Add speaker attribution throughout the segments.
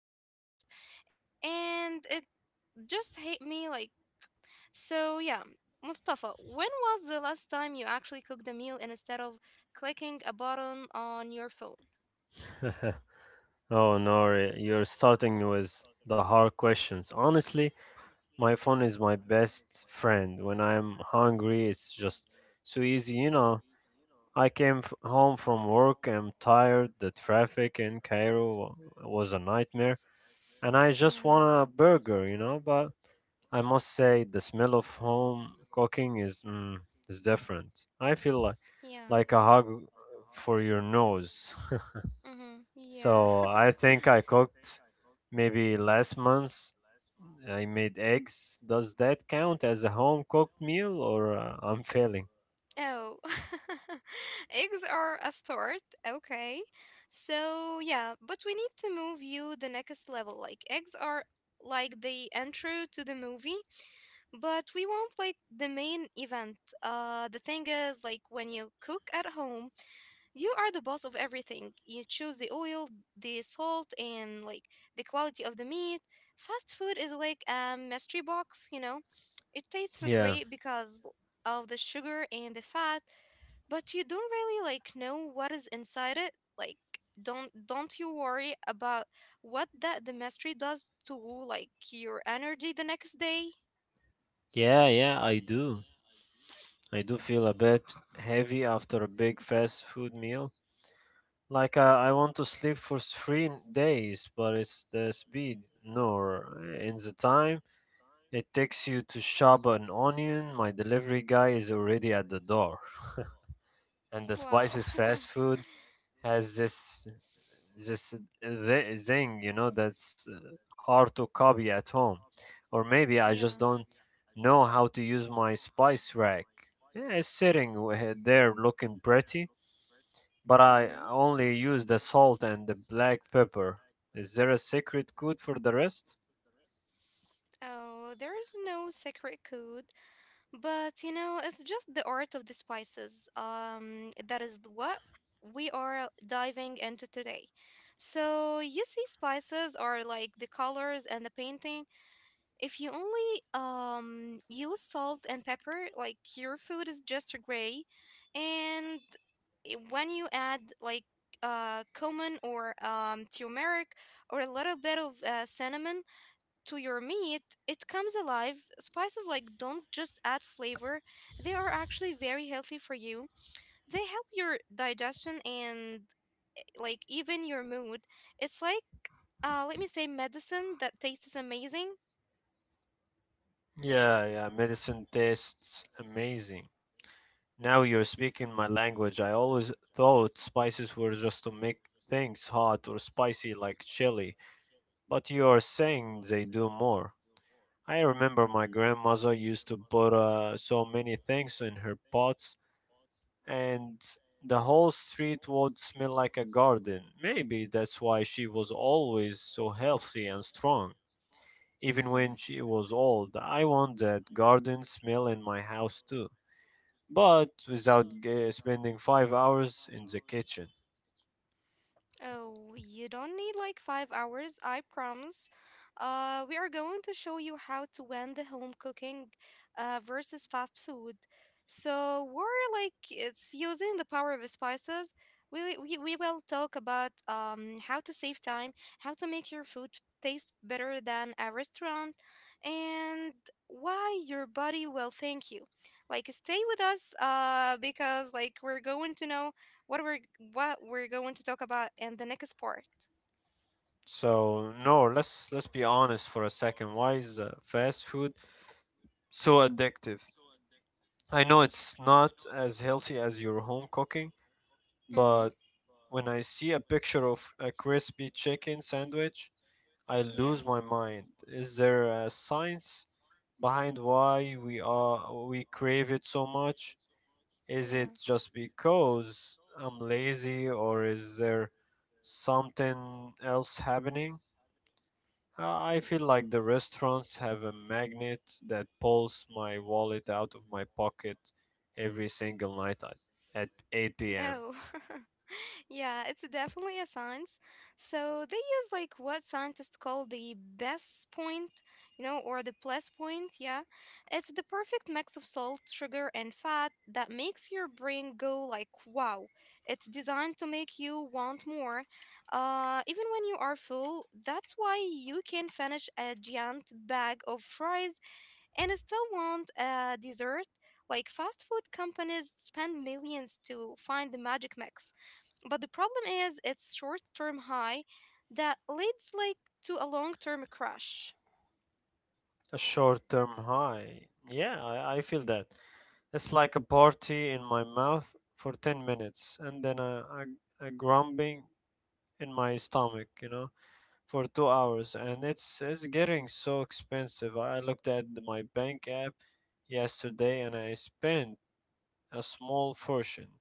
Speaker 1: for breakfast, and it just hit me like so yeah, Mustafa, when was the last time you actually cooked a meal instead of clicking a button on your phone?
Speaker 2: Oh no, you're starting with the hard questions. Honestly, my phone is my best friend. When I'm hungry, it's just so easy, you know. I came home from work, I'm tired, the traffic in Cairo was a nightmare, and I just
Speaker 1: Yeah,
Speaker 2: want a burger, you know, but I must say the smell of home cooking is is different. I feel like
Speaker 1: yeah,
Speaker 2: like a hug for your nose.
Speaker 1: mm-hmm, yeah.
Speaker 2: So I think I cooked maybe last month. I made eggs. Does that count as a home cooked meal or I'm failing?
Speaker 1: Oh, eggs are a start. Okay. So, yeah, but we need to move you the next level. Like, eggs are like the intro to the movie. But we want like the main event, the thing is, like, when you cook at home, you are the boss of everything. You choose the oil, the salt, and like the quality of the meat. Fast food is like a mystery box, you know. It tastes
Speaker 2: Yeah.
Speaker 1: great because of the sugar and the fat, but you don't really like know what is inside it. Like, don't you worry about what that the mystery does to like your energy the next day?
Speaker 2: Yeah, yeah, I do. I do feel a bit heavy after a big fast food meal. Like I want to sleep for 3 days, but it's the speed nor in the time it takes you to shop an onion. My delivery guy is already at the door, and the
Speaker 1: Wow.
Speaker 2: spices fast food has this thing you know that's hard to copy at home, or maybe I just
Speaker 1: Yeah.
Speaker 2: don't know how to use my spice rack. Yeah, it's sitting there looking pretty, but I
Speaker 1: Mm-hmm.
Speaker 2: only use the salt and the black pepper. Is there a secret code for the rest?
Speaker 1: Oh, there is no secret code, but you know, it's just the art of the spices. That is what we are diving into today. So, you see, spices are like the colors and the painting. If you only use salt and pepper, like your food is just gray, and when you add like cumin or turmeric or a little bit of cinnamon to your meat, it comes alive. Spices like don't just add flavor; they are actually very healthy for you. They help your digestion and like even your mood. It's like, let me say, medicine that tastes amazing.
Speaker 2: Yeah, medicine tastes amazing. Now you're speaking my language. I always thought spices were just to make things hot or spicy like chili. But you are saying they do more. I remember my grandmother used to put so many things in her pots, and the whole street would smell like a garden. Maybe that's why she was always so healthy and strong. Even
Speaker 1: Mhm.
Speaker 2: when she was old, I want that garden smell in my house too, but without spending 5 hours in the kitchen.
Speaker 1: Oh, you don't need like 5 hours, I promise. We are going to show you how to win the home cooking versus fast food. So we're like it's using the power of spices. We will talk about how to save time, how to make your food taste better than a restaurant, and why your body will thank you. Like stay with us, because like we're going to know what we're what we're going to talk about in the next part.
Speaker 2: So no, let's be honest for a second. Why is fast food so addictive? I know it's not as healthy as your home cooking, but when I see a picture of a crispy chicken sandwich, I lose my mind. Is there a science behind why we crave it so much? Is it
Speaker 1: Mm-hmm.
Speaker 2: just because I'm lazy, or is there something else happening? I feel like the restaurants have a magnet that pulls my wallet out of my pocket every single night at
Speaker 1: Yeah.
Speaker 2: 8
Speaker 1: Yeah.
Speaker 2: p.m.
Speaker 1: No. Yeah, it's definitely a science. So they use like what scientists call the best point, you know, or the plus point. Yeah, it's the perfect mix of salt, sugar, and fat that makes your brain go like, wow. It's designed to make you want more, even when you are full. That's why you can finish a giant bag of fries and still want a dessert. Like fast food companies spend millions to find the magic mix. But the problem is its short-term high that leads like to a long-term crash.
Speaker 2: A short term high. Yeah, I feel that. It's like a party in my mouth for 10 minutes, and then a grumbling in my stomach, you know, for 2 hours. And it's getting so expensive. I looked at my bank app yesterday, and I spent a small fortune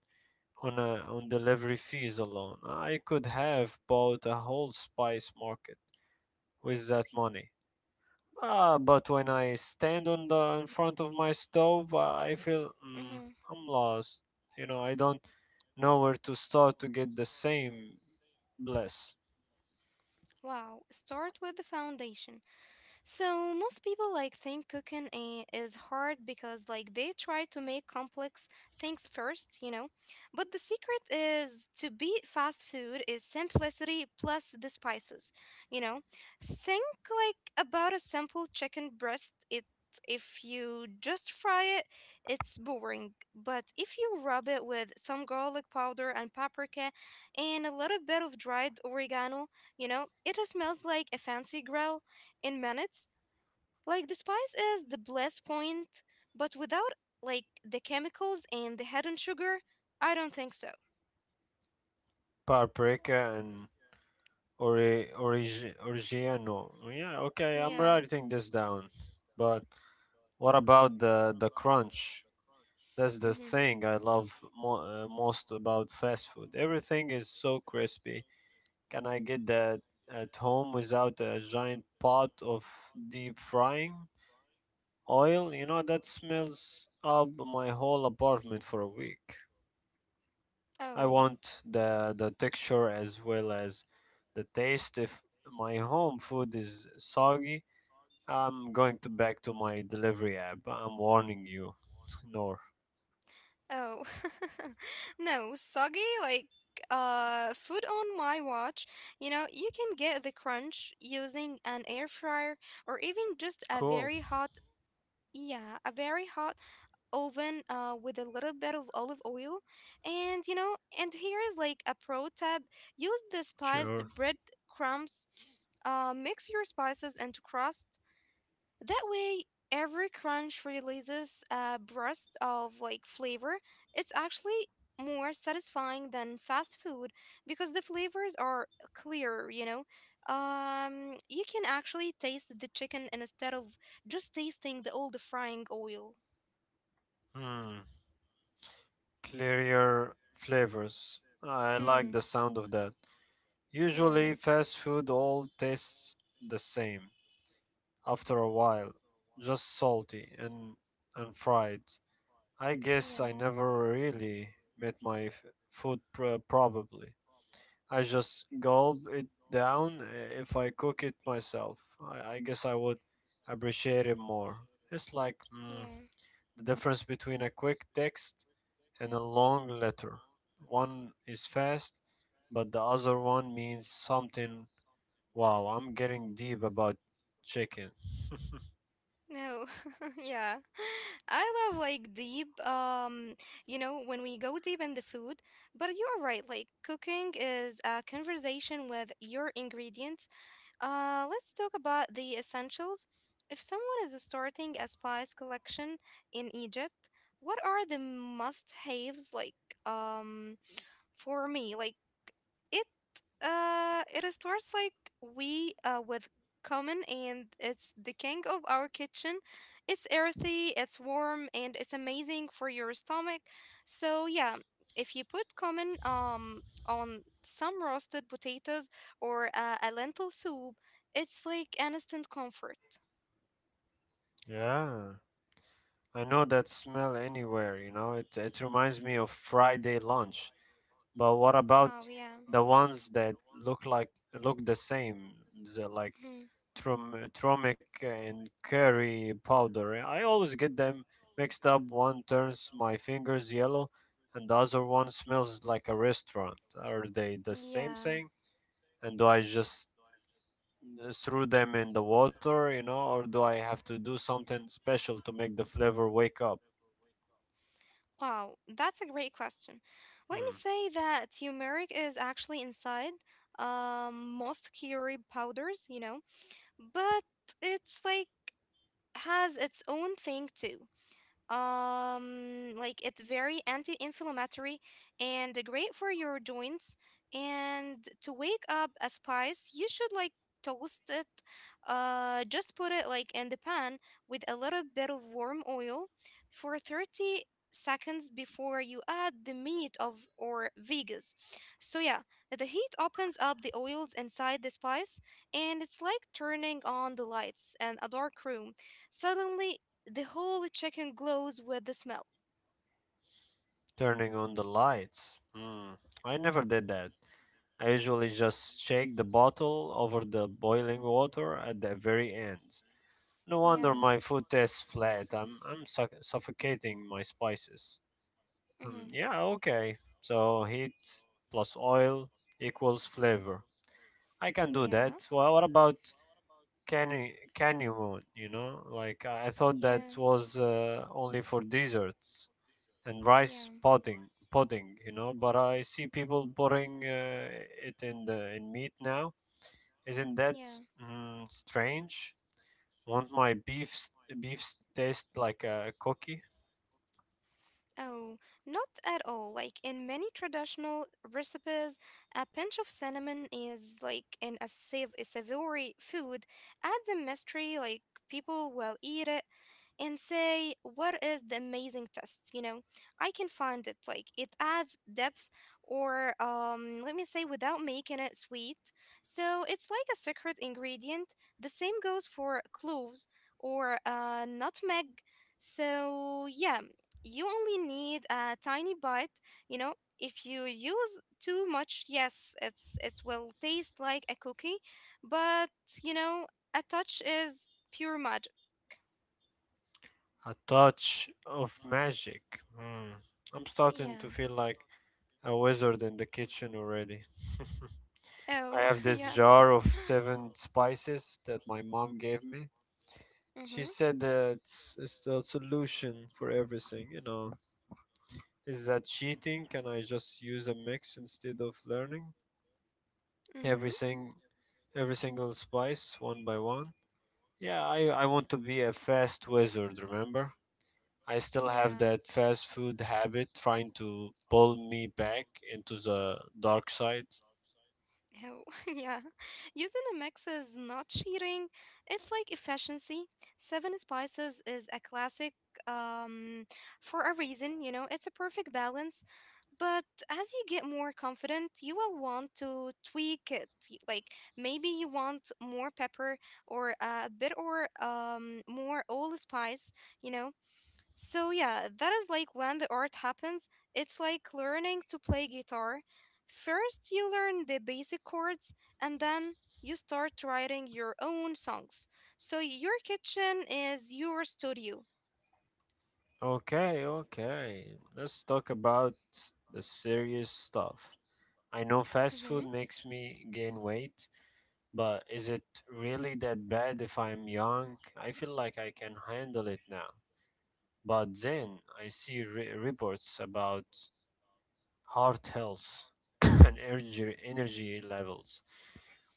Speaker 2: on delivery fees alone. I could have bought a whole spice market with that money. Ah, but when I stand on the in front of my stove, I feel
Speaker 1: Mhm.
Speaker 2: I'm lost. You know, I don't know where to start to get the same bliss.
Speaker 1: Wow. Start with the foundation. So most people like think cooking is hard because like they try to make complex things first, you know. But the secret is to beat fast food is simplicity plus the spices, you know. Think like about a simple chicken breast. It If you just fry it, it's boring. But if you rub it with some garlic powder and paprika and a little bit of dried oregano, you know, it smells like a fancy grill in minutes. Like the spice is the bliss point, but without like the chemicals and the hidden sugar, I don't think so.
Speaker 2: Paprika and origiano. Yeah, okay, I'm
Speaker 1: Yeah.
Speaker 2: writing this down. But what about the crunch? That's the
Speaker 1: Mm-hmm.
Speaker 2: thing I love most about fast food. Everything is so crispy. Can I get that at home without a giant pot of deep frying oil? You know, that smells up my whole apartment for a week. I
Speaker 1: Oh.
Speaker 2: want the texture as well as the taste. If my home food is soggy, I'm going to back to my delivery app. I'm warning you, Nor.
Speaker 1: Oh. No, soggy like food on my watch. You know, you can get the crunch using an air fryer or even just a
Speaker 2: Cool.
Speaker 1: very hot. Yeah, a very hot oven with a little bit of olive oil. And you know, and here is like a pro tip: use the spiced
Speaker 2: Sure.
Speaker 1: bread crumbs. Mix your spices into crust that way, every crunch releases a burst of like flavor. It's actually more satisfying than fast food because the flavors are clearer, you know. You can actually taste the chicken instead of just tasting the old frying oil.
Speaker 2: Hmm. Clearer flavors. I like the
Speaker 1: Mm,
Speaker 2: sound of that. Usually,
Speaker 1: yeah,
Speaker 2: fast food all tastes the same after a while, just salty and fried. I guess I
Speaker 1: yeah,
Speaker 2: never really met my food, probably. I just gulp it down if I cook it myself. I guess I would appreciate it more. It's like
Speaker 1: yeah.
Speaker 2: the difference between a quick text and a long letter. One is fast, but the other one means something. Wow, I'm getting deep about chicken.
Speaker 1: No, yeah. I love like deep, you know, when we go deep in the food. But you're right, like cooking is a conversation with your ingredients. Let's talk about the essentials. If someone is starting a spice collection in Egypt, what are the must-haves like? Um, for me, like, it it starts like, we with common, and it's the king of our kitchen. It's earthy, it's warm, and it's amazing for your stomach. So yeah, if you put common on some roasted potatoes or a lentil soup, it's like an instant comfort.
Speaker 2: yeah, I know that smell anywhere, you know. It reminds me of Friday lunch. But what about
Speaker 1: Wow, yeah.
Speaker 2: the ones that look the same, the, like
Speaker 1: Mhm.
Speaker 2: trum turmeric and curry powder? I always get them mixed up. One turns my fingers yellow, and the other one smells like a restaurant. Are they the same
Speaker 1: Yeah.
Speaker 2: thing? And do I just throw them in the water, you know, or do I have to do something special to make the flavor wake up?
Speaker 1: Wow, that's a great question. Let me
Speaker 2: Hmm.
Speaker 1: say that turmeric is actually inside most curry powders, you know, but it's like has its own thing too. Like it's very anti-inflammatory and great for your joints. And to wake up a spice, you should like toast it, just put it like in the pan with a little bit of warm oil for 30 seconds before you add the meat of or vegas. So yeah, the heat opens up the oils inside the spice, and it's like turning on the lights in a dark room. Suddenly the whole chicken glows with the smell.
Speaker 2: Turning on the lights. Hmm. I never did that. I usually just shake the bottle over the boiling water at the very end. No wonder
Speaker 1: Yeah.
Speaker 2: my food tastes flat. I'm suffocating my spices.
Speaker 1: Mm-hmm.
Speaker 2: Yeah, okay. So heat plus oil equals flavor.
Speaker 1: Mm-hmm.
Speaker 2: I can do
Speaker 1: Yeah.
Speaker 2: that. Well, what about canyon? You know, like I thought that
Speaker 1: Yeah.
Speaker 2: was only for desserts and rice
Speaker 1: Yeah.
Speaker 2: pudding, you know, but I see people putting it in the in meat now. Isn't that
Speaker 1: Yeah.
Speaker 2: strange? Won't my beefs taste like a cookie?
Speaker 1: Oh, not at all. Like in many traditional recipes, a pinch of cinnamon is like in a a savory food, adds a mystery. Like people will eat it and say, "What is the amazing taste?" You know, I can find it. Like it adds depth, or let me say, without making it sweet. So it's like a secret ingredient. The same goes for cloves or nutmeg. So yeah, you only need a tiny bite, you know. If you use too much, yes, it will taste like a cookie, but you know, a touch is pure magic.
Speaker 2: A touch of magic. Hmm. I'm
Speaker 1: Yeah.
Speaker 2: starting to feel like a wizard in the kitchen already. I
Speaker 1: Oh,
Speaker 2: have this
Speaker 1: yeah.
Speaker 2: jar of seven spices that my mom gave me. She
Speaker 1: Mhm.
Speaker 2: said that it's the solution for everything, you know. Is that cheating? Can I just use a mix instead of learning
Speaker 1: Mhm.
Speaker 2: everything, every single spice one by one? Yeah, I want to be a fast wizard, remember? I still
Speaker 1: Yeah.
Speaker 2: have that fast food habit trying to pull me back into the dark side.
Speaker 1: Oh, yeah. Using a mix is not cheating. It's like efficiency. Seven Spices is a classic, um, for a reason, you know, it's a perfect balance. But as you get more confident, you will want to tweak it. Like maybe you want more pepper or a bit, or more allspice, you know. So yeah, that is like when the art happens. It's like learning to play guitar. First, you learn the basic chords, and then you start writing your own songs. So your kitchen is your studio.
Speaker 2: Okay, okay. Let's talk about the serious stuff. I know fast
Speaker 1: Hmm.
Speaker 2: food makes me gain weight, but is it really that bad if I'm young? I feel like I can handle it now. But then I see reports about heart health and energy levels.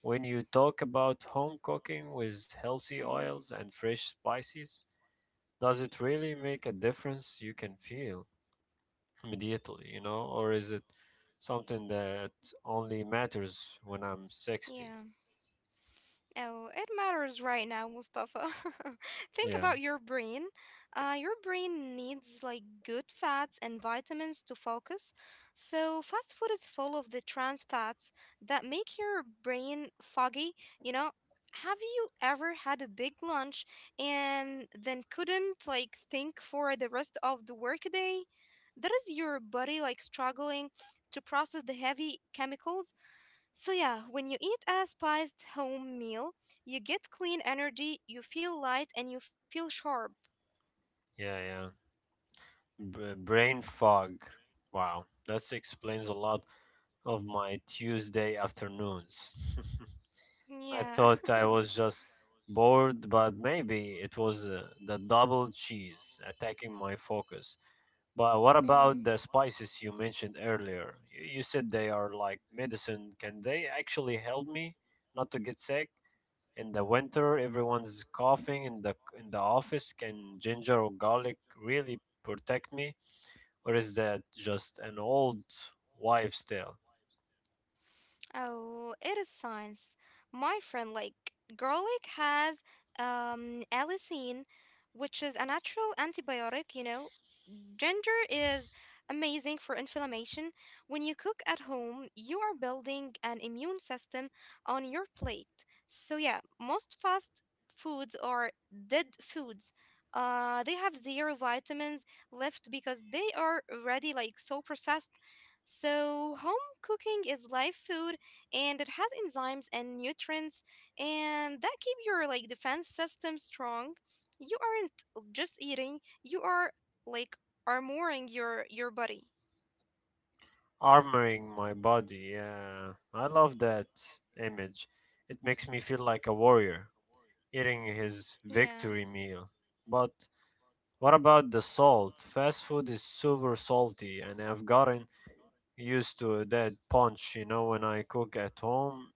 Speaker 2: When you talk about home cooking with healthy
Speaker 1: Hmm.
Speaker 2: oils and fresh spices, does it really make a difference you can feel immediately, you know, or is it something that only matters when I'm 60?
Speaker 1: Yeah. Oh, it matters right now, Mustafa. Think
Speaker 2: Yeah,
Speaker 1: about your brain. Your brain needs like good fats and vitamins to focus. So fast food is full of the trans fats that make your brain foggy, you know? Have you ever had a big lunch and then couldn't like think for the rest of the workday? That is your body like struggling to process the heavy chemicals. So, yeah, when you eat a spiced home meal, you get clean energy, you feel light, and you feel sharp.
Speaker 2: yeah, yeah. Brain fog. Wow, that explains a lot of my Tuesday afternoons. I
Speaker 1: Yeah.
Speaker 2: thought I was just bored, but maybe it was the double cheese attacking my focus. But what
Speaker 1: Hmm.
Speaker 2: about the spices you mentioned earlier? You said they are like medicine. Can they actually help me not to get sick? In the winter, everyone's coughing in the office. Can ginger or garlic really protect me, or is that just an old wives' tale?
Speaker 1: Oh, it is science. My friend, like, garlic has allicin, which is a natural antibiotic, you know. Ginger is amazing for inflammation. When you cook at home, you are building an immune system on your plate. So, yeah, most fast foods are dead foods. They have zero vitamins left because they are already like so processed. So, home cooking is live food, and it has enzymes and nutrients, and that keep your like defense system strong. You aren't just eating, you are like armoring your body.
Speaker 2: Armoring my body. Yeah, I love that image. It makes me feel like a warrior eating his
Speaker 1: Yeah.
Speaker 2: victory meal. But what about the salt? Fast food is super salty, and I've gotten used to that punch, you know. When I cook at home,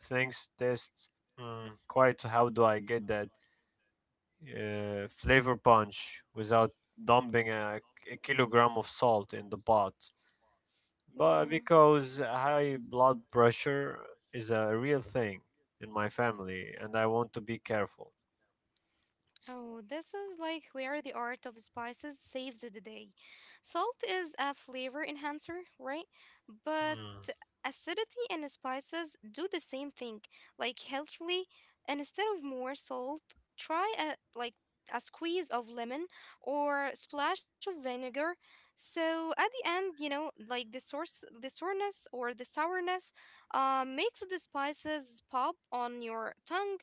Speaker 2: things taste quite. How do I get that flavor punch without dumping a kilogram of salt in the pot? But
Speaker 1: Mm.
Speaker 2: because high blood pressure is a real thing in my family, and I want to be careful.
Speaker 1: Oh, this is like where the art of spices saves the day. Salt is a flavor enhancer, right? But
Speaker 2: Mm.
Speaker 1: acidity and spices do the same thing. Like healthily, and instead of more salt, try a like a squeeze of lemon or splash of vinegar. So at the end, you know, like the source, the soreness or the sourness, makes the spices pop on your tongue.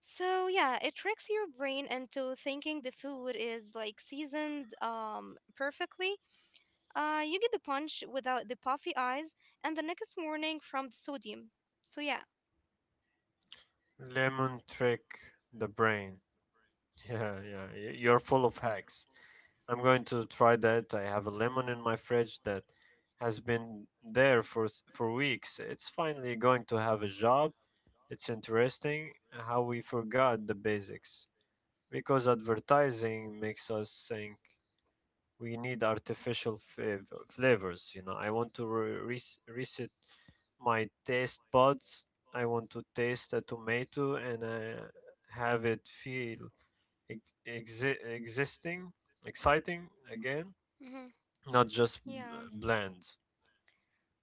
Speaker 1: So yeah, it tricks your brain into thinking the food is like seasoned perfectly. You get the punch without the puffy eyes and the next morning from the sodium. So yeah.
Speaker 2: Lemon trick the brain. Yeah, yeah, you're full of hacks. I'm going to try that. I have a lemon in my fridge that has been there for for weeks. It's finally going to have a job. It's interesting how we forgot the basics because advertising makes us think we need artificial flavors. You know, I want to reset my taste buds. I want to taste a tomato and have it feel ex- exi- existing, exciting again,
Speaker 1: Hmm.
Speaker 2: not just
Speaker 1: Yeah.
Speaker 2: bland.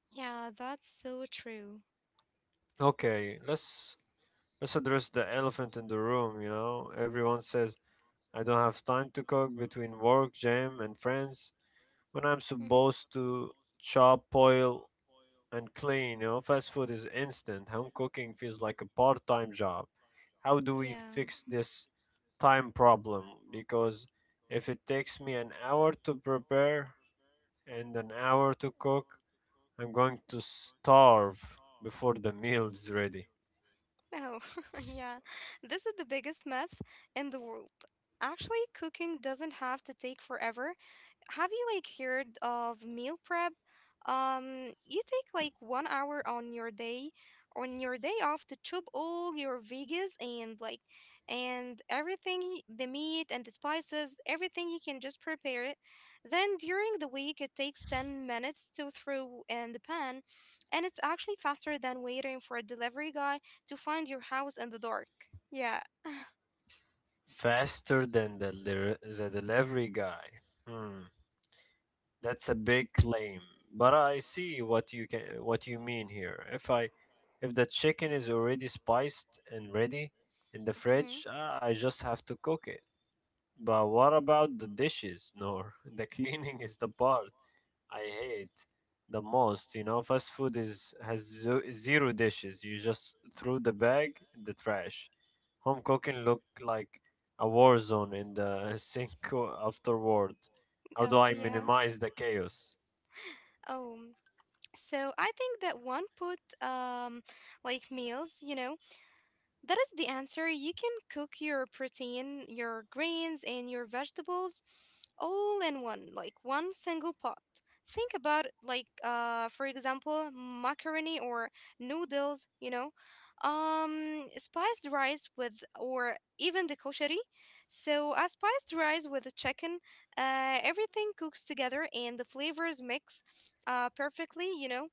Speaker 1: Yeah, that's so true.
Speaker 2: Okay, let's address the elephant in the room, you know. Everyone says I don't have time to cook between work, gym, and friends when I'm
Speaker 1: Hmm.
Speaker 2: supposed to chop, boil, and clean. You know, fast food is instant. Home cooking feels like a part-time job. How do we
Speaker 1: Yeah.
Speaker 2: fix this time problem? Because if it takes me an hour to prepare and an hour to cook, I'm going to starve before the meal's ready.
Speaker 1: Oh, yeah. This is the biggest myth in the world. Actually, cooking doesn't have to take forever. Have you like heard of meal prep? You take like 1 hour on your day, off to chop all your veggies and like and everything, the meat and the spices, everything you can just prepare it. Then during the week, it takes 10 minutes to throw in the pan, and it's actually faster than waiting for a delivery guy to find your house in the dark. Yeah.
Speaker 2: Faster than the delivery guy. Hmm, that's a big claim, but I see what you can what you mean here. If the chicken is already spiced and ready in the
Speaker 1: Hmm.
Speaker 2: fridge, I just have to cook it. But what about the dishes? No, the cleaning is the part I hate the most, you know. Fast food is has zero dishes. You just throw the bag in the trash. Home cooking look like a war zone in the sink afterward.
Speaker 1: Cook it.
Speaker 2: How do
Speaker 1: Oh,
Speaker 2: I
Speaker 1: yeah.
Speaker 2: minimize the chaos?
Speaker 1: Chaos. Oh, so I think that one put like meals, that is the answer. You can cook your protein, your grains, and your vegetables all in one, like one single pot. Think about like for example, macaroni or noodles, you know. Spiced rice with or even the koshari. So a spiced rice with the chicken, everything cooks together and the flavors mix perfectly, you know.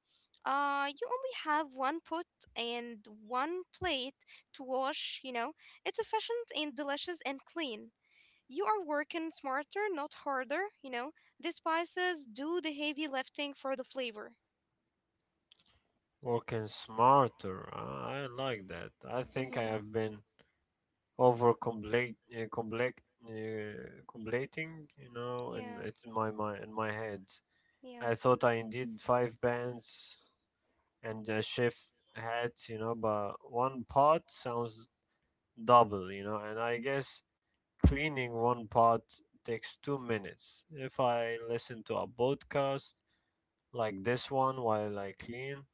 Speaker 1: You only have one pot and one plate to wash, you know. It's efficient and delicious and clean. You are working smarter, not harder, you know. The spices do the heavy lifting for the flavor.
Speaker 2: Working smarter. I like that. I think I
Speaker 1: Mm-hmm.
Speaker 2: have been over complete, uh, complete, completing, you know, and
Speaker 1: Yeah,
Speaker 2: it's in my mind, in my head.
Speaker 1: yeah.
Speaker 2: I thought I needed five bands and a chef hat, you know, but one pot sounds double, you know, and I guess cleaning one pot takes 2 minutes. If I listen to a podcast like this one while I clean,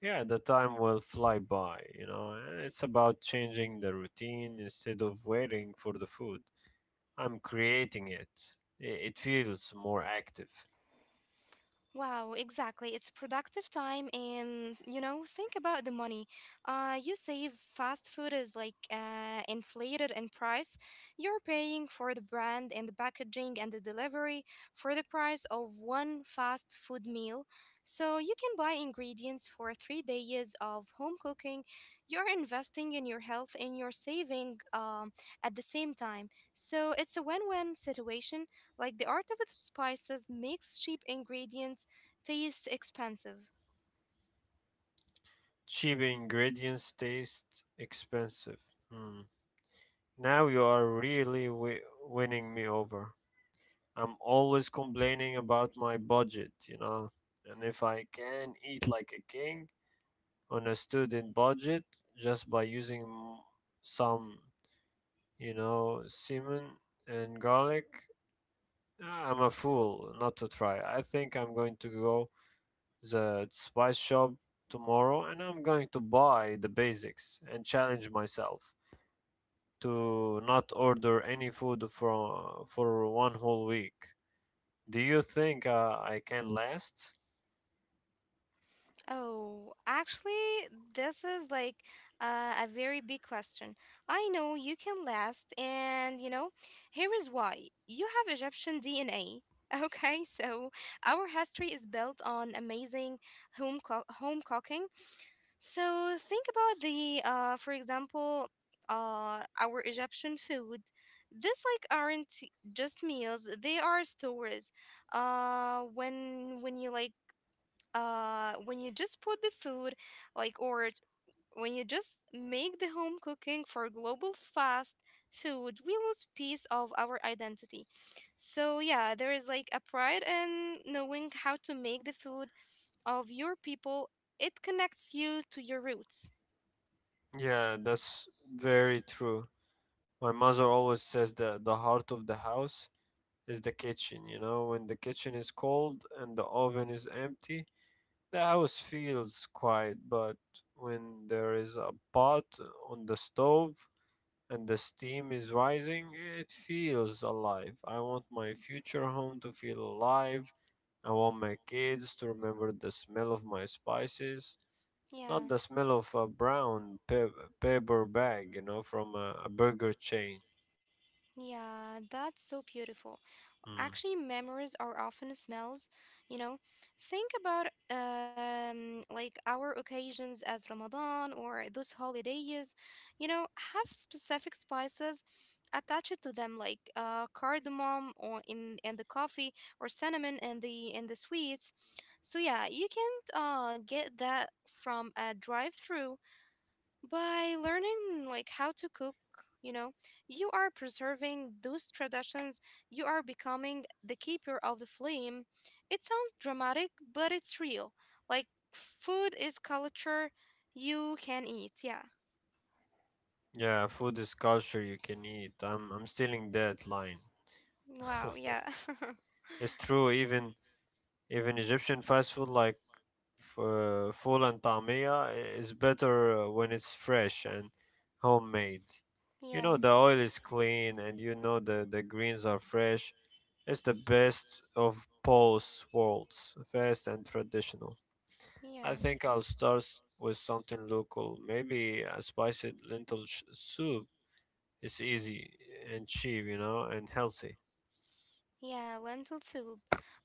Speaker 2: yeah, the time will fly by, and it's about changing the routine instead of waiting for the food. I'm creating it. It feels more active.
Speaker 1: Wow, exactly. It's productive time and you know, think about the money. You save. Fast food is like inflated in price. You're paying for the brand and the packaging and the delivery for the price of one fast food meal. So you can buy ingredients for 3 days of home cooking. You're investing in your health and you're saving at the same time. So it's a win-win situation, like the art of the spices makes cheap ingredients taste expensive.
Speaker 2: Cheap ingredients taste expensive. Hmm. Now you are really winning me over. I'm always complaining about my budget. And if I can eat like a king on a student budget just by some cinnamon and garlic, I'm a fool not to try. I think I'm going to go the spice shop tomorrow and I'm going to buy the basics and challenge myself to not order any food for one whole week. Do you think I can last?
Speaker 1: Oh, actually, this is like a very big question. I know you can last, and you know, here is why. You have Egyptian DNA. Okay, so our history is built on amazing home cooking. So think about the, for example, our Egyptian food. These like aren't just meals; they are stories. When you like when you just put the food like or it- when you just make the home cooking for global fast food, we lose piece of our identity. So yeah, there is like a pride in knowing how to make the food of your people. It connects you to your roots.
Speaker 2: Yeah, that's very true. My mother always says that the heart of the house is the kitchen. You know, when the kitchen is cold and the oven is empty, the house feels quiet. But when there is a pot on the stove and the steam is rising, it feels alive. I want my future home to feel alive. I want my kids to remember the smell of my spices, not
Speaker 1: Yeah,
Speaker 2: the smell of a brown paper bag, from a burger chain.
Speaker 1: yeah, that's so beautiful.
Speaker 2: Mm.
Speaker 1: Actually, memories are often smells, you know. Think about like our occasions as Ramadan or those holidays, you know, have specific spices attached to them like cardamom or in and the coffee or cinnamon and the in the sweets. So yeah, you can't get that from a drive-through. By learning like how to cook, you know, you are preserving those traditions. You are becoming the keeper of the flame. It sounds dramatic, but it's real. Like food is culture you can eat. Yeah.
Speaker 2: Yeah, food is culture you can eat. I'm stealing that line.
Speaker 1: Wow, yeah.
Speaker 2: It's true. Even Egyptian fast food like Full and tamia is better when it's fresh and homemade. You know
Speaker 1: Yeah.
Speaker 2: the oil is clean and you know the greens are fresh. It's the best of both worlds, fast and traditional. I
Speaker 1: Yeah.
Speaker 2: think I'll with something local. Maybe a spicy lentil soup. It's easy and cheap, and healthy.
Speaker 1: Yeah, lentil soup.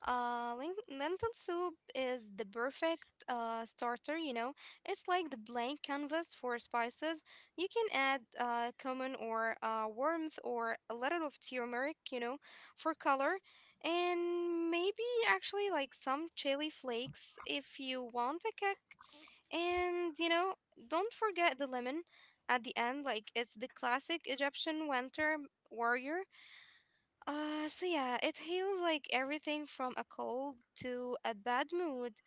Speaker 1: Lentil soup is the perfect starter, you know. It's like the blank canvas for spices. You can add cumin or warmth or a little of turmeric, you know, for color, and maybe actually like some chili flakes if you want a kick. And you know, don't forget the lemon at the end, like it's the classic Egyptian winter warrior. So yeah, it heals like everything from a cold to a bad mood.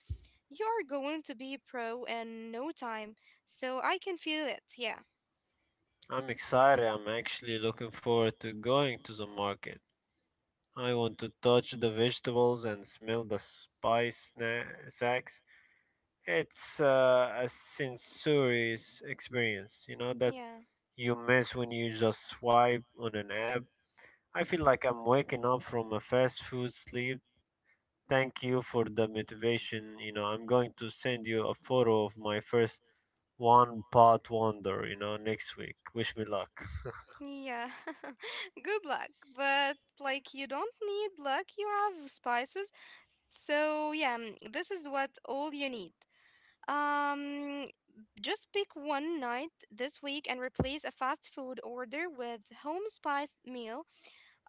Speaker 1: You're going to be pro in no time, so I can feel it. Yeah,
Speaker 2: I'm excited. I'm actually looking forward to going to the market. I want to touch the vegetables and smell the sacks. It's a sensories experience, that
Speaker 1: yeah,
Speaker 2: you miss when you just swipe on an app. I feel like I'm waking up from a fast food sleep. Thank you for the motivation. You know, I'm going to send you a photo of my first one pot wonder, next week. Wish me luck.
Speaker 1: yeah. Good luck, but like you don't need luck, you have spices. So yeah, mm, this is what all you need. Um, Just pick one night this week and replace a fast food order with home spiced meal.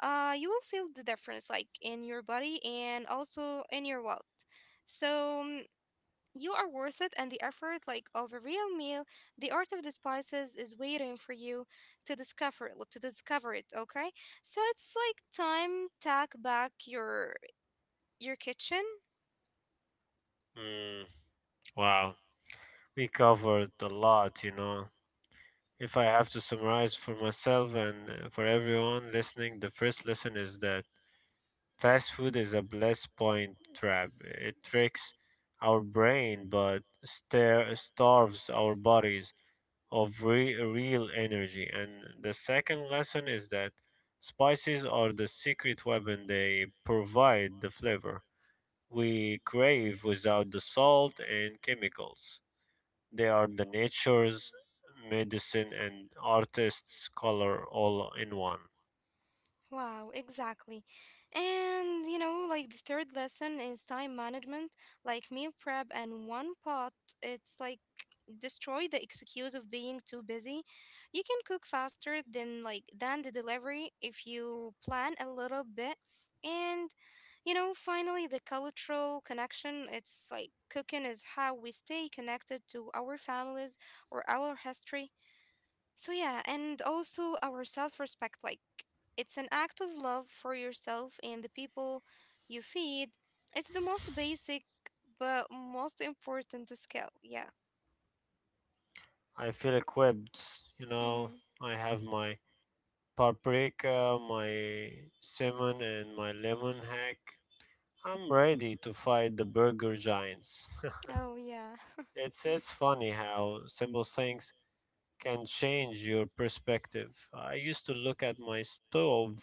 Speaker 1: You will feel the difference, like in your body and also in your wallet. So mm, you are worth it, and the effort, like of a real meal, the art of the spices is waiting for you to discover it. To discover it, okay? So it's like time tack back your kitchen.
Speaker 2: Mm, wow. We covered a lot. If I have to summarize for myself and for everyone listening, the first lesson is that fast food is a bliss point trap. It tricks our brain but starves our bodies of real energy. And the second lesson is that spices are the secret weapon, they provide the flavor we crave without the salt and chemicals. They are the nature's medicine and artist's color all in one.
Speaker 1: Wow, exactly. And you know, like the third lesson is time management, like meal prep and one pot. It's like destroy the excuse of being too busy. You can cook faster than like than the delivery if you plan a little bit. And you know, finally the cultural connection, it's like cooking is how we stay connected to our families or our history. So yeah, and also our self-respect, like it's an act of love for yourself and the people you feed. It's the most basic but most important skill. Yeah.
Speaker 2: I feel equipped, you know.
Speaker 1: Mm-hmm.
Speaker 2: I have my paprika, my cinnamon, and my lemon hack. I'm ready to fight the burger giants.
Speaker 1: Oh yeah.
Speaker 2: It's funny how simple things can change your perspective. I used to look at my stove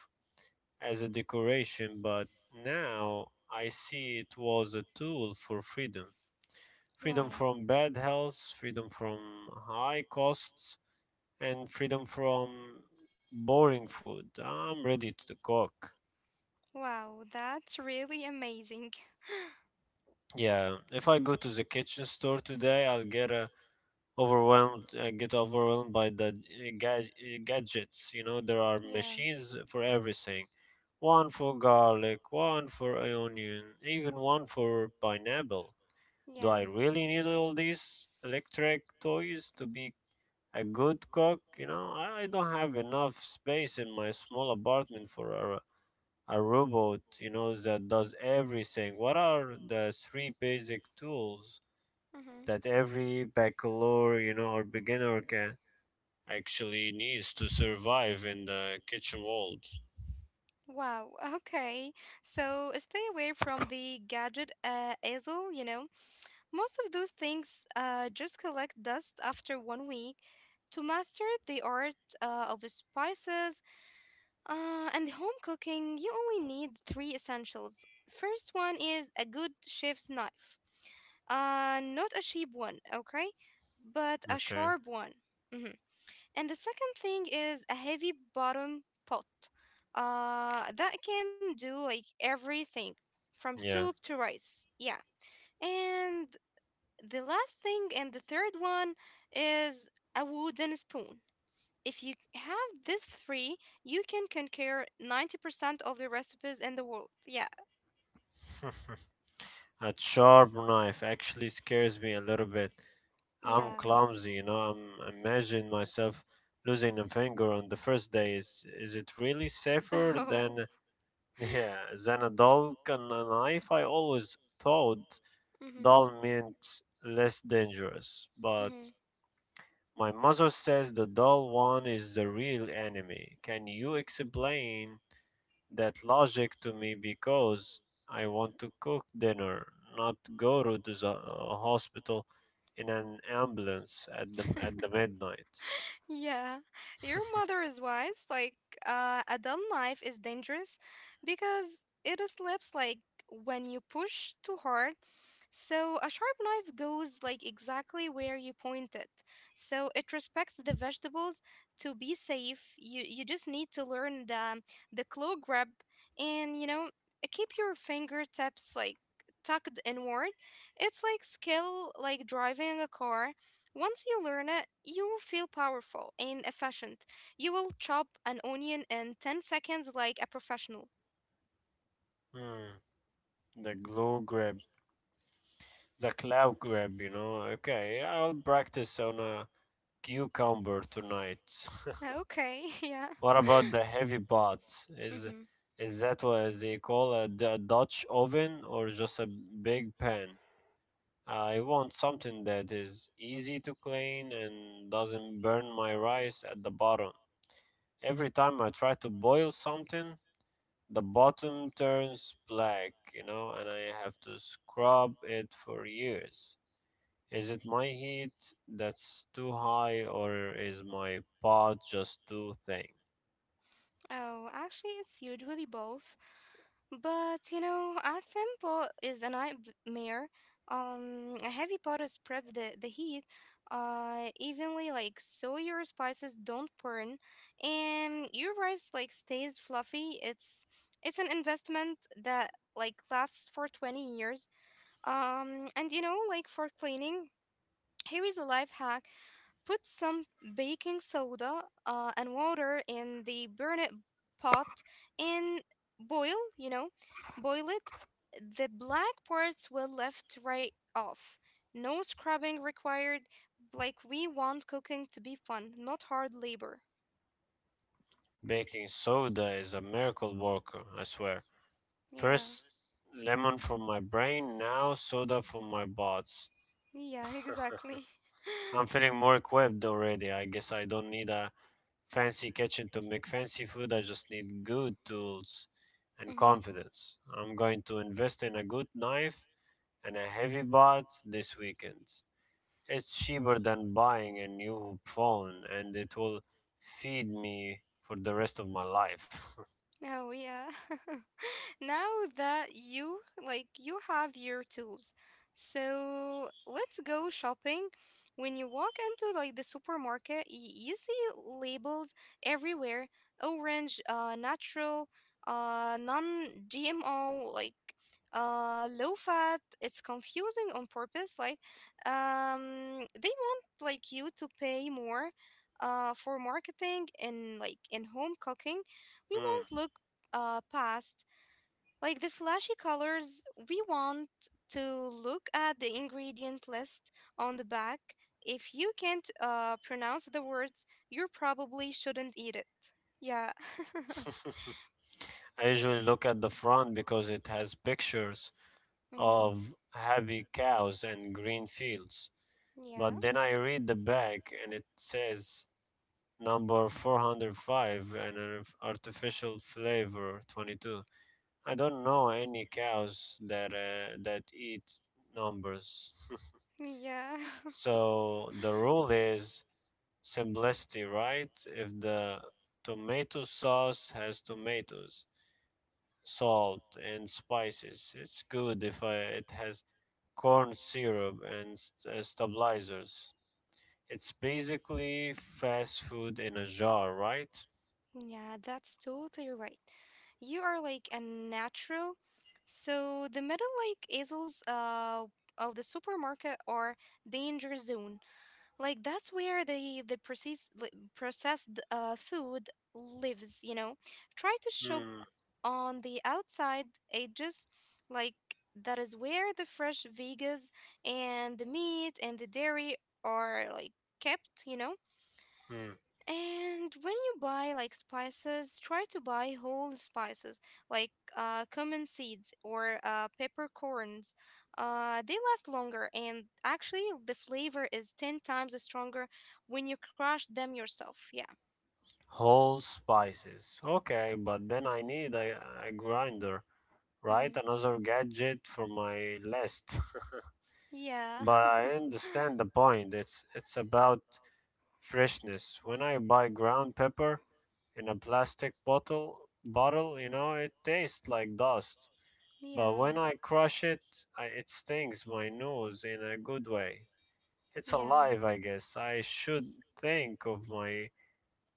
Speaker 2: as a decoration, but now I see it was a tool for freedom. Freedom
Speaker 1: Wow.
Speaker 2: from bad health, freedom from high costs, and freedom from boring food. I'm ready to cook.
Speaker 1: Wow, that's really amazing.
Speaker 2: Yeah, if I go to the kitchen store today, I'll get overwhelmed. I get overwhelmed by the gadgets. You know, there are
Speaker 1: Yeah.
Speaker 2: machines for everything. One for garlic, one for onion, even one for pineapple. Do
Speaker 1: Yeah.
Speaker 2: I really need all these electric toys to be a good cook? You know, I don't have enough space in my small apartment for a robot, you know, that does everything. What are the three basic tools
Speaker 1: Mm-hmm.
Speaker 2: that every bachelor, you know, or beginner can actually needs to survive in the kitchen world?
Speaker 1: Wow, okay. So stay away from the gadget easel, you know. Most of those things just collect dust after 1 week. To master the art of spices and home cooking, you only need three essentials. First one is a good chef's knife. Not a cheap one, okay? But a
Speaker 2: Okay.
Speaker 1: sharp one. Mm-hmm. And the second thing is a heavy bottom pot that can do like everything from soup
Speaker 2: Yeah.
Speaker 1: to rice. Yeah. And the last thing and the third one is a wooden spoon. If you have these three, you can conquer 90% of the recipes in the world. Yeah.
Speaker 2: A sharp knife actually scares me a little bit. I'm
Speaker 1: Yeah.
Speaker 2: clumsy, you know. I'm imagine myself losing a finger on the first day. Is it really safer than
Speaker 1: Oh.
Speaker 2: yeah, than a doll and a knife? I always thought
Speaker 1: Hmm.
Speaker 2: doll meant less dangerous, but
Speaker 1: Hmm.
Speaker 2: my mother says the doll one is the real enemy. Can you explain that logic to me because I want to cook dinner, not go to the hospital in an ambulance at the midnight.
Speaker 1: Yeah, your mother is wise. Like, adult life is dangerous because it slips like when you push too hard. So, a sharp knife goes like exactly where you point it. So, it respects the vegetables to be safe. You just need to learn the claw grab and you know, keep your fingertips like tucked inward. It's like skill, like driving a car. Once you learn it, you will feel powerful and efficient. You will chop an onion in 10 seconds like a professional.
Speaker 2: Hmm. The glue grab, the cloud grab, you know. Okay, I'll practice on a cucumber tonight.
Speaker 1: Okay, yeah.
Speaker 2: What about the heavy pot? Is
Speaker 1: Hmm.
Speaker 2: is that what they call a Dutch oven or just a big pan? I want something that is easy to clean and doesn't burn my rice at the bottom. Every time I try to boil something, the bottom turns black, you know, and I have to scrub it for years. Is it my heat that's too high or is my pot just too thin?
Speaker 1: Oh, actually, it's usually both. But you know, a thimble is a nightmare. A heavy pot it spreads the heat evenly, like so your spices don't burn, and your rice like stays fluffy. It's an investment that like lasts for 20 years. And you know, like for cleaning, here is a life hack. Put some baking soda and water in the burnet pot and boil, you know, boil it. The black parts will lift right off. No scrubbing required. Like we want cooking to be fun, not hard labor.
Speaker 2: Baking soda is a miracle worker, I swear.
Speaker 1: Yeah.
Speaker 2: First lemon for my brain, now soda for my bots.
Speaker 1: Yeah, exactly.
Speaker 2: I'm feeling more equipped already. I guess I don't need a fancy kitchen to make fancy food. I just need good tools and
Speaker 1: Mm-hmm.
Speaker 2: confidence. I'm going to invest in a good knife and a heavy bot this weekend. It's cheaper than buying a new phone and it will feed me for the rest of my life.
Speaker 1: Oh, yeah. Now that you like you have your tools, so let's go shopping. When you walk into like the supermarket, you see labels everywhere, orange natural, non gmo, like low fat. It's confusing on purpose, like they want like you to pay more for marketing, and like in home cooking, we
Speaker 2: Mm.
Speaker 1: won't look past like the flashy colors, we want to look at the ingredient list on the back. If you can't pronounce the words, you probably shouldn't eat it. Yeah.
Speaker 2: I usually look at the front because it has pictures
Speaker 1: Hmm.
Speaker 2: of happy cows and green fields.
Speaker 1: Yeah.
Speaker 2: But then I read the back and it says number 405 and an artificial flavor 22. I don't know any cows that that eat numbers.
Speaker 1: Yeah.
Speaker 2: So the rule is simplicity, right? If the tomato sauce has tomatoes, salt and spices, it's good. If it has corn syrup and stabilizers, it's basically fast food in a jar, right?
Speaker 1: Yeah, that's totally right. You are like a natural. So the middle like aisles of the supermarket are danger zone. Like that's where the processed food lives, you know. Try to shop
Speaker 2: Hmm.
Speaker 1: on the outside edges, like that is where the fresh veggies and the meat and the dairy are like kept, you know.
Speaker 2: Mm.
Speaker 1: And when you buy like spices, try to buy whole spices, like cumin seeds or peppercorns. They last longer, and actually, the flavor is 10 times stronger when you crush them yourself. Yeah.
Speaker 2: Whole spices. Okay, but then I need a grinder, right?
Speaker 1: Hmm.
Speaker 2: Another gadget for my list.
Speaker 1: Yeah.
Speaker 2: But I understand the point. It's about freshness. When I buy ground pepper in a plastic bottle, you know, it tastes like dust. But when
Speaker 1: Yeah.
Speaker 2: I crush it, it stings my nose in a good way. It's
Speaker 1: Yeah.
Speaker 2: alive, I guess. I should think of my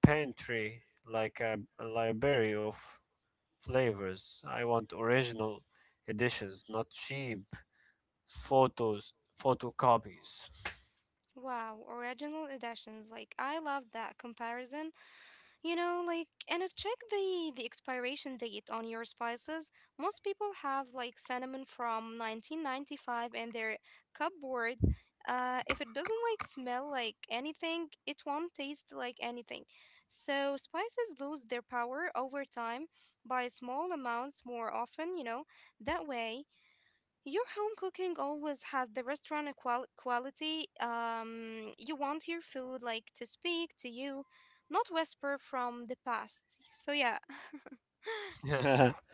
Speaker 2: pantry like a library of flavors. I want original editions, not cheap photos, photocopies.
Speaker 1: Wow, original editions. Like, I love that comparison. You know, like, and check the expiration date on your spices. Most people have like cinnamon from 1995 in their cupboard. If it doesn't like smell like anything, it won't taste like anything. So spices lose their power over time by small amounts more often. You know, that way your home cooking always has the quality. You want your food like to speak to you, not whisper from the past. So yeah,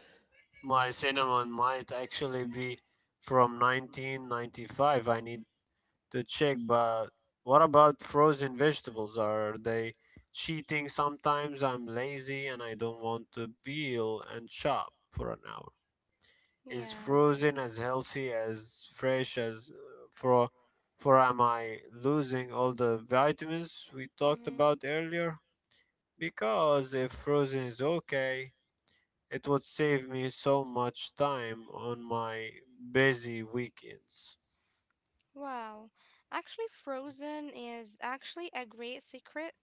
Speaker 2: My cinnamon might actually be from 1995. I need to check, but what about frozen vegetables? Are they cheating? Sometimes I'm lazy and I don't want to peel and chop for an hour. Is
Speaker 1: yeah.
Speaker 2: frozen as healthy as fresh as for for am I losing all the vitamins we talked
Speaker 1: Mhm.
Speaker 2: about earlier? Because if frozen is okay, it would save me so much time on my busy weekends.
Speaker 1: Wow. Actually, frozen is actually a great secret.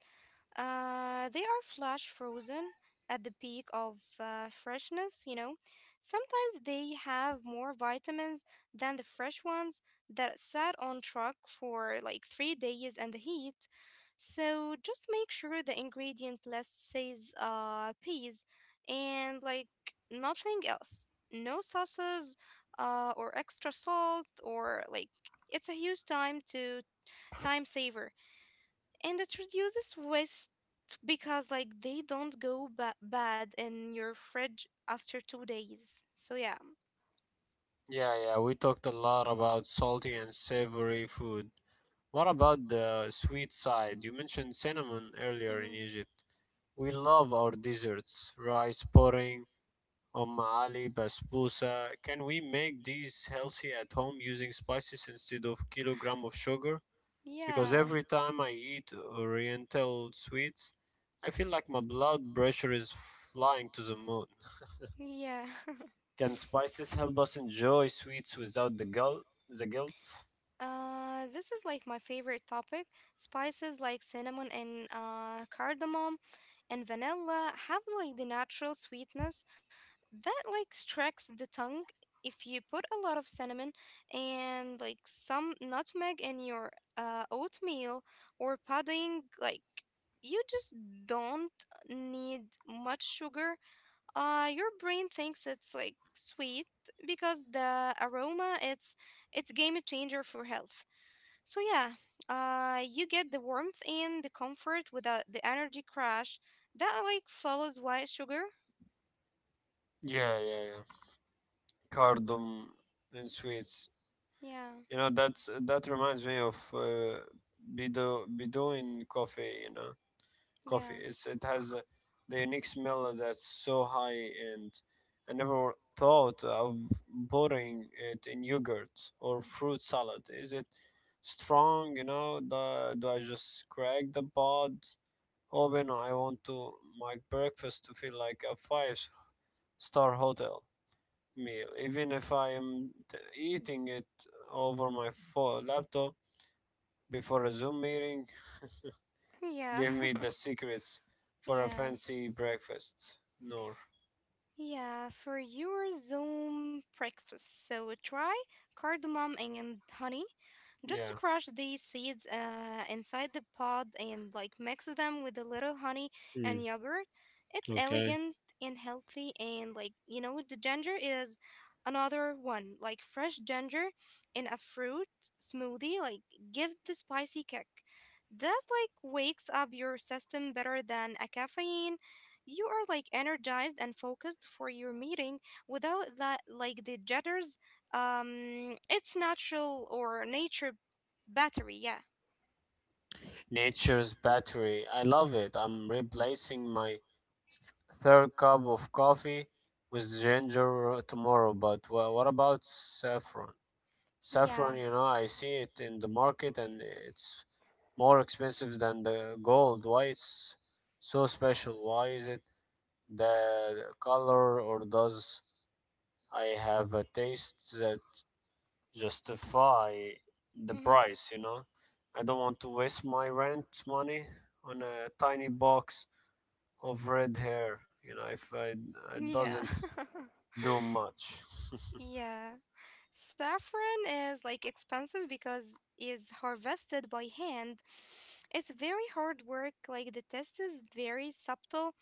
Speaker 1: They are flash frozen at the peak of freshness, you know. Sometimes they have more vitamins than the fresh ones that sat on truck for like 3 days in the heat. So just make sure the ingredient list says peas and like nothing else. No sauces or extra salt or like it's a huge time to time saver and it reduces waste because like they don't go bad in your fridge after 2 days. So yeah.
Speaker 2: Yeah, yeah, we talked a lot about salty and savory food. What about the sweet side? You mentioned cinnamon earlier in
Speaker 1: Mhm.
Speaker 2: Egypt. We love our desserts, rice pudding, ali, basbousa. Can we make these healthy at home using spices instead of kilogram of sugar? Because
Speaker 1: Yeah.
Speaker 2: every time I eat oriental sweets, I feel like my blood pressure is flying to the moon.
Speaker 1: Yeah.
Speaker 2: Can spices help us enjoy sweets without the guilt? The guilt?
Speaker 1: This is like my favorite topic. Spices like cinnamon and cardamom and vanilla have like the natural sweetness that like strikes the tongue. If you put a lot of cinnamon and like some nutmeg in your oatmeal or pudding, like you just don't need much sugar. Your brain thinks it's like sweet because the aroma, it's game changer for health. So yeah, you get the warmth and the comfort without the energy crash that like follows white sugar.
Speaker 2: Yeah, yeah, yeah. Cardum and sweets.
Speaker 1: Yeah,
Speaker 2: You know, that reminds me of Bido Bedouin coffee. You know, coffee.
Speaker 1: yeah,
Speaker 2: It has the unique smell that's so high, and I never thought of putting it in yogurt or fruit salad. Is it strong? You know, do I just crack the pod open? I want to my breakfast to feel like a five-star hotel meal, even if I am eating it over my laptop before a Zoom meeting.
Speaker 1: yeah,
Speaker 2: Give me the secrets for a
Speaker 1: yeah,
Speaker 2: fancy breakfast. Nor,
Speaker 1: yeah. For your Zoom breakfast, so try cardamom and honey. Just
Speaker 2: yeah.
Speaker 1: crush these seeds inside the pod and like mix them with a little honey and
Speaker 2: Mm.
Speaker 1: yogurt. It's elegant and healthy, and like you know, the ginger is another one. Like fresh ginger in a fruit smoothie, like gives the spicy kick. That like wakes up your system better than a caffeine. You are like energized and focused for your meeting without that like the jitters. It's natural or nature battery. Yeah,
Speaker 2: Nature's battery. I love it. I'm replacing my third cup of coffee with ginger tomorrow. But what about saffron? Saffron,
Speaker 1: yeah,
Speaker 2: you know, I see it in the market and it's more expensive than the gold. Why it's so special? Why is it the color or does I have a taste that justify the
Speaker 1: mm-hmm,
Speaker 2: price, you know? I don't want to waste my rent money on a tiny box of red hair, you know, if I it doesn't
Speaker 1: yeah,
Speaker 2: do much.
Speaker 1: yeah. Saffron is like expensive because is harvested by hand. It's very hard work. Like the test is very subtle,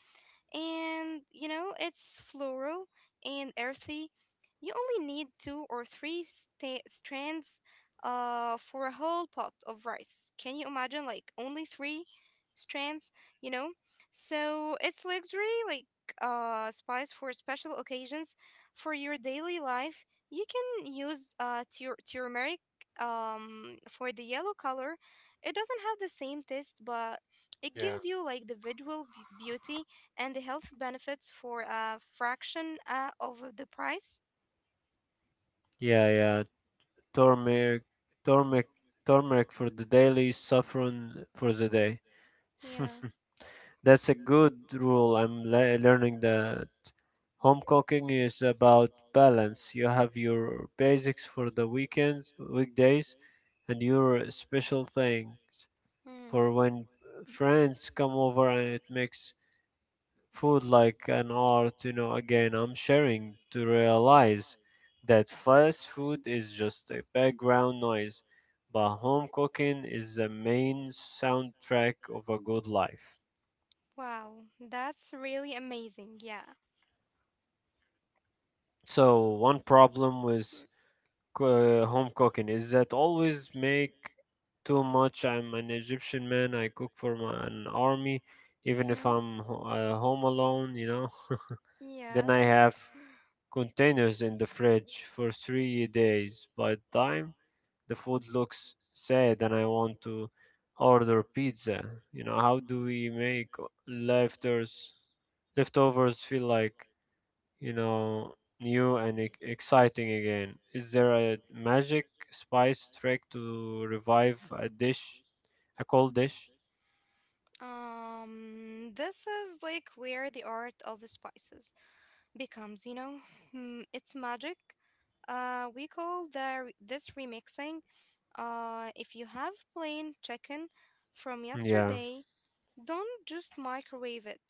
Speaker 1: and you know it's floral and earthy. You only need two or three strands for a whole pot of rice. Can you imagine like only three strands? You know, so it's luxury like spice for special occasions. For your daily life you can use uh turmeric for the yellow color. It doesn't have the same taste, but it
Speaker 2: Yeah.
Speaker 1: gives you like the visual beauty and the health benefits for a fraction of the price.
Speaker 2: Yeah, yeah, turmeric, turmeric, turmeric for the daily, saffron for the day.
Speaker 1: Yeah.
Speaker 2: That's a good rule. I'm learning that home cooking is about balance. You have your basics for the weekends, weekdays, and your special things
Speaker 1: Mm.
Speaker 2: for when friends come over, and it makes food like an art, you know, again, I'm sharing to realize that fast food is just a background noise, but home cooking is the main soundtrack of a good life.
Speaker 1: Wow, that's really amazing. Yeah.
Speaker 2: So, one problem with home cooking is that always make too much. I'm an Egyptian man, I cook for an army, even if
Speaker 1: Mm-hmm.
Speaker 2: I'm home alone, you know.
Speaker 1: Yeah.
Speaker 2: Then I have containers in the fridge for 3 days. By the time the food looks sad and I want to order pizza, you know, how do we make leftovers leftovers feel like, you know, new and exciting again? Is there a magic spice trick to revive a dish, a cold dish?
Speaker 1: This is like where the art of the spices becomes, you know, mm, it's magic. We call the this remixing. If you have plain chicken from
Speaker 2: Yeah.
Speaker 1: yesterday. Don't just microwave it.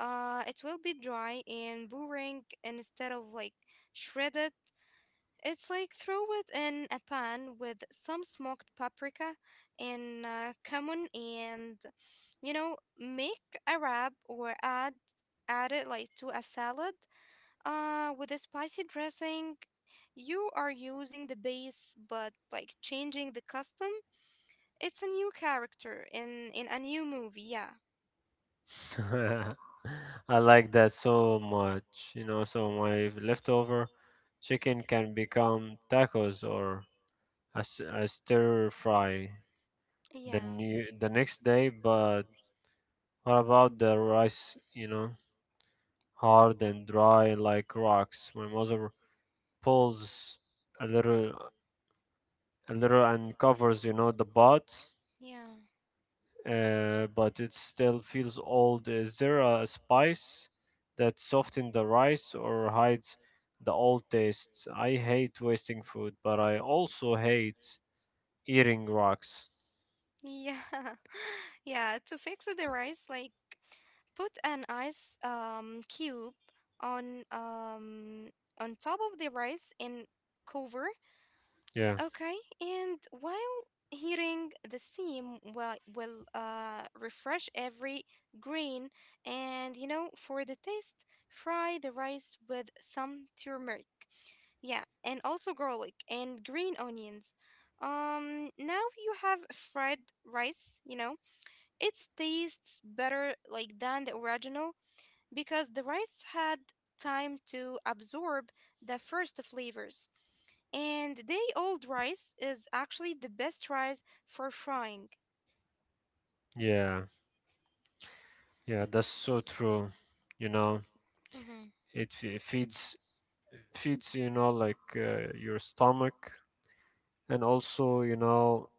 Speaker 1: It will be dry and boring. Instead of like shred it, it's like throw it in a pan with some smoked paprika and cumin and you know make a wrap or add it like to a salad with a spicy dressing. You are using the base but like changing the custom. It's a new character in a new movie. Yeah.
Speaker 2: I like that so much. You know, so my leftover chicken can become tacos or a stir fry the
Speaker 1: Yeah.
Speaker 2: new the next day. But what about the rice? You know, hard and dry like rocks. My mother pulls a little, a little, and covers, you know, the pot.
Speaker 1: Yeah.
Speaker 2: But it still feels old. Is there a spice that softens the rice or hides the old taste? I hate wasting food, but I also hate eating rocks.
Speaker 1: Yeah. Yeah. To fix the rice, like put an ice cube on um on top of the rice and cover.
Speaker 2: Yeah,
Speaker 1: Okay, and while hearing the steam will refresh every grain. And you know, for the taste, fry the rice with some turmeric. Yeah, and also garlic and green onions. Now you have fried rice, you know, it tastes better like than the original because the rice had time to absorb the first flavors. And day old rice is actually the best rice for frying.
Speaker 2: yeah, yeah. That's so true. You know,
Speaker 1: Hmm.
Speaker 2: it feeds you know like your stomach, and also you know,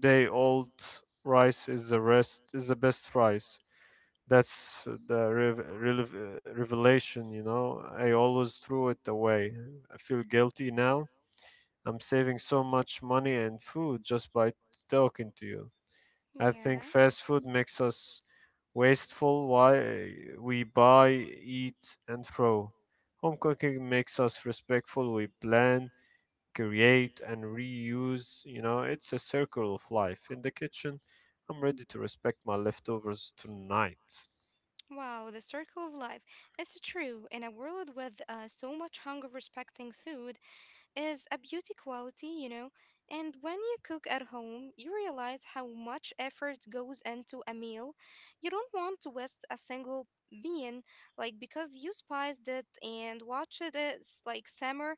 Speaker 2: day old rice is the rest is the best rice. That's the revelation, you know. I always threw it away. I feel guilty now. I'm saving so much money and food just by talking to you. I think
Speaker 1: Yeah.
Speaker 2: fast food makes us wasteful. Why? We buy, eat, and throw. Home cooking makes us respectful. We plan, create, and reuse. You know, it's a circle of life in the kitchen. I'm ready to respect my leftovers tonight.
Speaker 1: Wow, the circle of life. It's true. In a world with so much hunger, respecting food is a beauty quality, you know. And when you cook at home, you realize how much effort goes into a meal. You don't want to waste a single bean, like because you spiced it and watched it like simmer.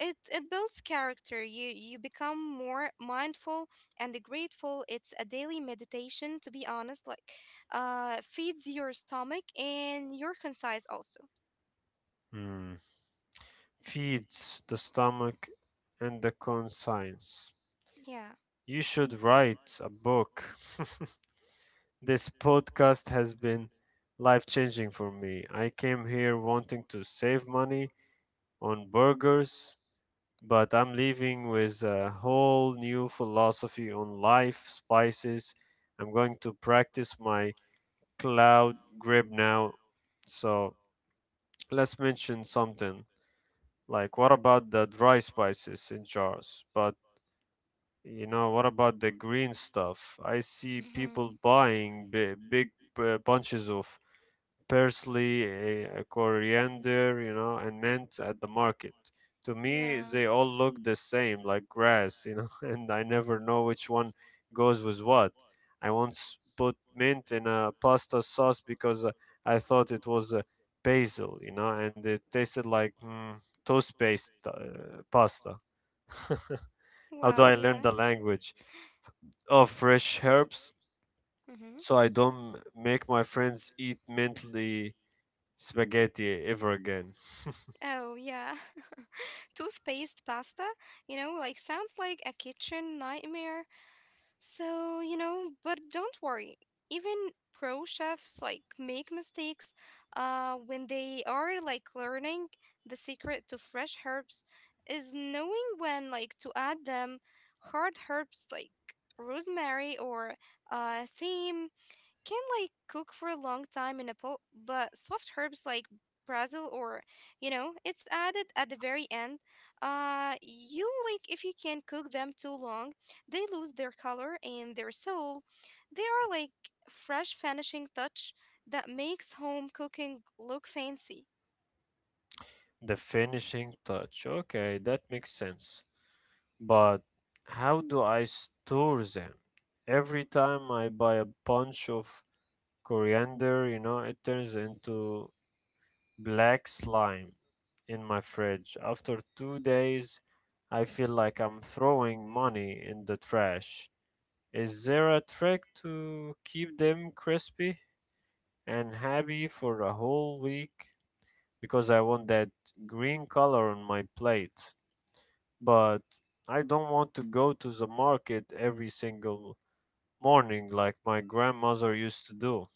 Speaker 1: It builds character. You become more mindful and grateful. It's a daily meditation, to be honest. Like, feeds your stomach and your concise also.
Speaker 2: Hmm. Feeds the stomach and the conscience. You should write a book. This podcast has been life changing for me. I came here wanting to save money on burgers, but I'm leaving with a whole new philosophy on life, spices. I'm going to practice my cloud grip now. So let's mention something like, what about the dry spices in jars? But you know, what about the green stuff? I see
Speaker 1: Yeah.
Speaker 2: people buying big bunches of parsley, a coriander, you know, and mint at the market. To me,
Speaker 1: Yeah.
Speaker 2: they all look the same, like grass, you know, and I never know which one goes with what. I once put mint in a pasta sauce because I thought it was basil, you know, and it tasted like toast based pasta. How do
Speaker 1: Wow,
Speaker 2: I learn
Speaker 1: yeah.
Speaker 2: the language of fresh herbs
Speaker 1: Mm-hmm.
Speaker 2: so I don't make my friends eat mentally spaghetti ever again?
Speaker 1: Oh, yeah. Toothpaste pasta, you know, like sounds like a kitchen nightmare. So, you know, but don't worry. Even pro chefs like make mistakes when they are like learning. The secret to fresh herbs is knowing when like to add them. Hard herbs like rosemary or thyme can like cook for a long time in a pot, but soft herbs like basil or you know it's added at the very end. Uh you like if you can cook them too long they lose their color and their soul. They are like fresh finishing touch that makes home cooking look fancy.
Speaker 2: The finishing touch. Okay, that makes sense. But how do I store them? Every time I buy a bunch of coriander, you know, it turns into black slime in my fridge. After 2 days, I feel like I'm throwing money in the trash. Is there a trick to keep them crispy and happy for a whole week? Because I want that green color on my plate. But I don't want to go to the market every single morning like my grandmother used to do.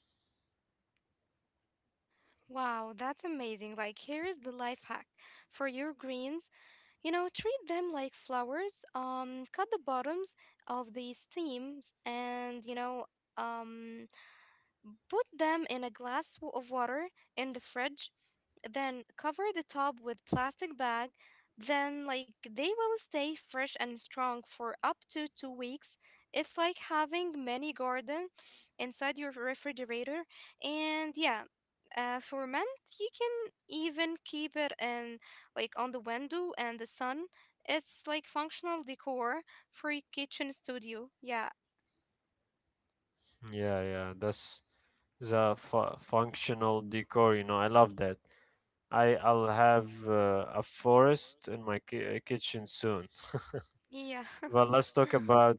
Speaker 1: Wow, that's amazing. Like here is the life hack for your greens. You know, treat them like flowers. Cut the bottoms of the stems and, you know, um, put them in a of water in the fridge, then cover the top with plastic bag. Then like they will stay fresh and strong for up to 2 weeks. It's like having mini garden inside your refrigerator. And yeah, ferment you can even keep it in like on the window and the sun. It's like functional decor for your kitchen studio. Yeah.
Speaker 2: Yeah, yeah, that's the functional decor, you know. I love that. I'll have a forest in my kitchen soon.
Speaker 1: Yeah.
Speaker 2: Well, let's talk about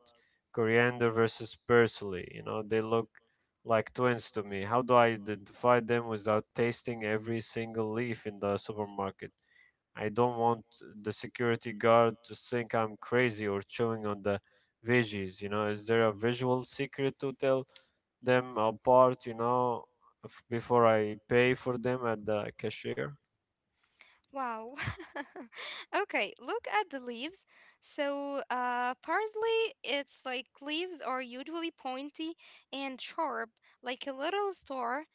Speaker 2: coriander versus parsley. You know, they look like twins to me. How do I identify them without tasting every single leaf in the supermarket? I don't want the security guard to think I'm crazy or chewing on the veggies. You know, is there a visual secret to tell them apart, before I pay for them at the cashier?
Speaker 1: Wow. Okay, look at the leaves. So, parsley, it's like leaves are usually pointy and sharp, like a little star,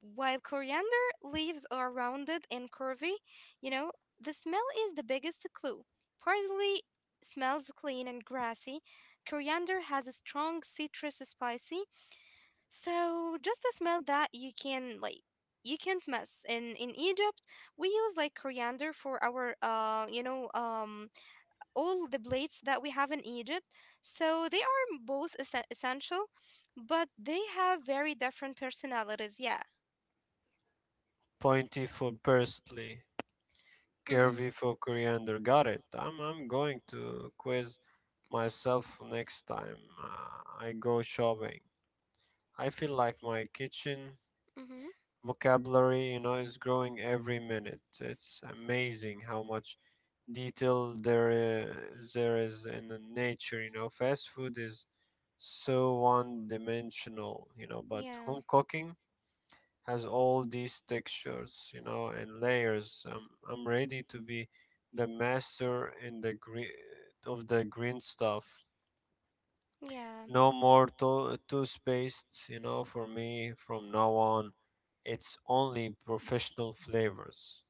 Speaker 1: while coriander leaves are rounded and curvy. You know, the smell is the biggest clue. Parsley smells clean and grassy. Coriander has a strong citrus spicy, so just a smell that you can like you can't miss. In Egypt, we use like coriander for our you know all the plates that we have in Egypt. So they are both essential, but they have very different personalities. Yeah.
Speaker 2: Pointy for parsley,
Speaker 1: Mm-hmm.
Speaker 2: curvy for coriander. Got it. I'm going to quiz myself next time I go shopping. I feel like my kitchen
Speaker 1: Mm-hmm.
Speaker 2: vocabulary, you know, is growing every minute. It's amazing how much detail there is in the nature. You know, fast food is so one dimensional, you know, but
Speaker 1: Yeah.
Speaker 2: home cooking has all these textures, you know, and layers. I'm ready to be the master in the green of the green stuff.
Speaker 1: Yeah.
Speaker 2: No more toothpaste, you know, for me. From now on it's only professional flavors.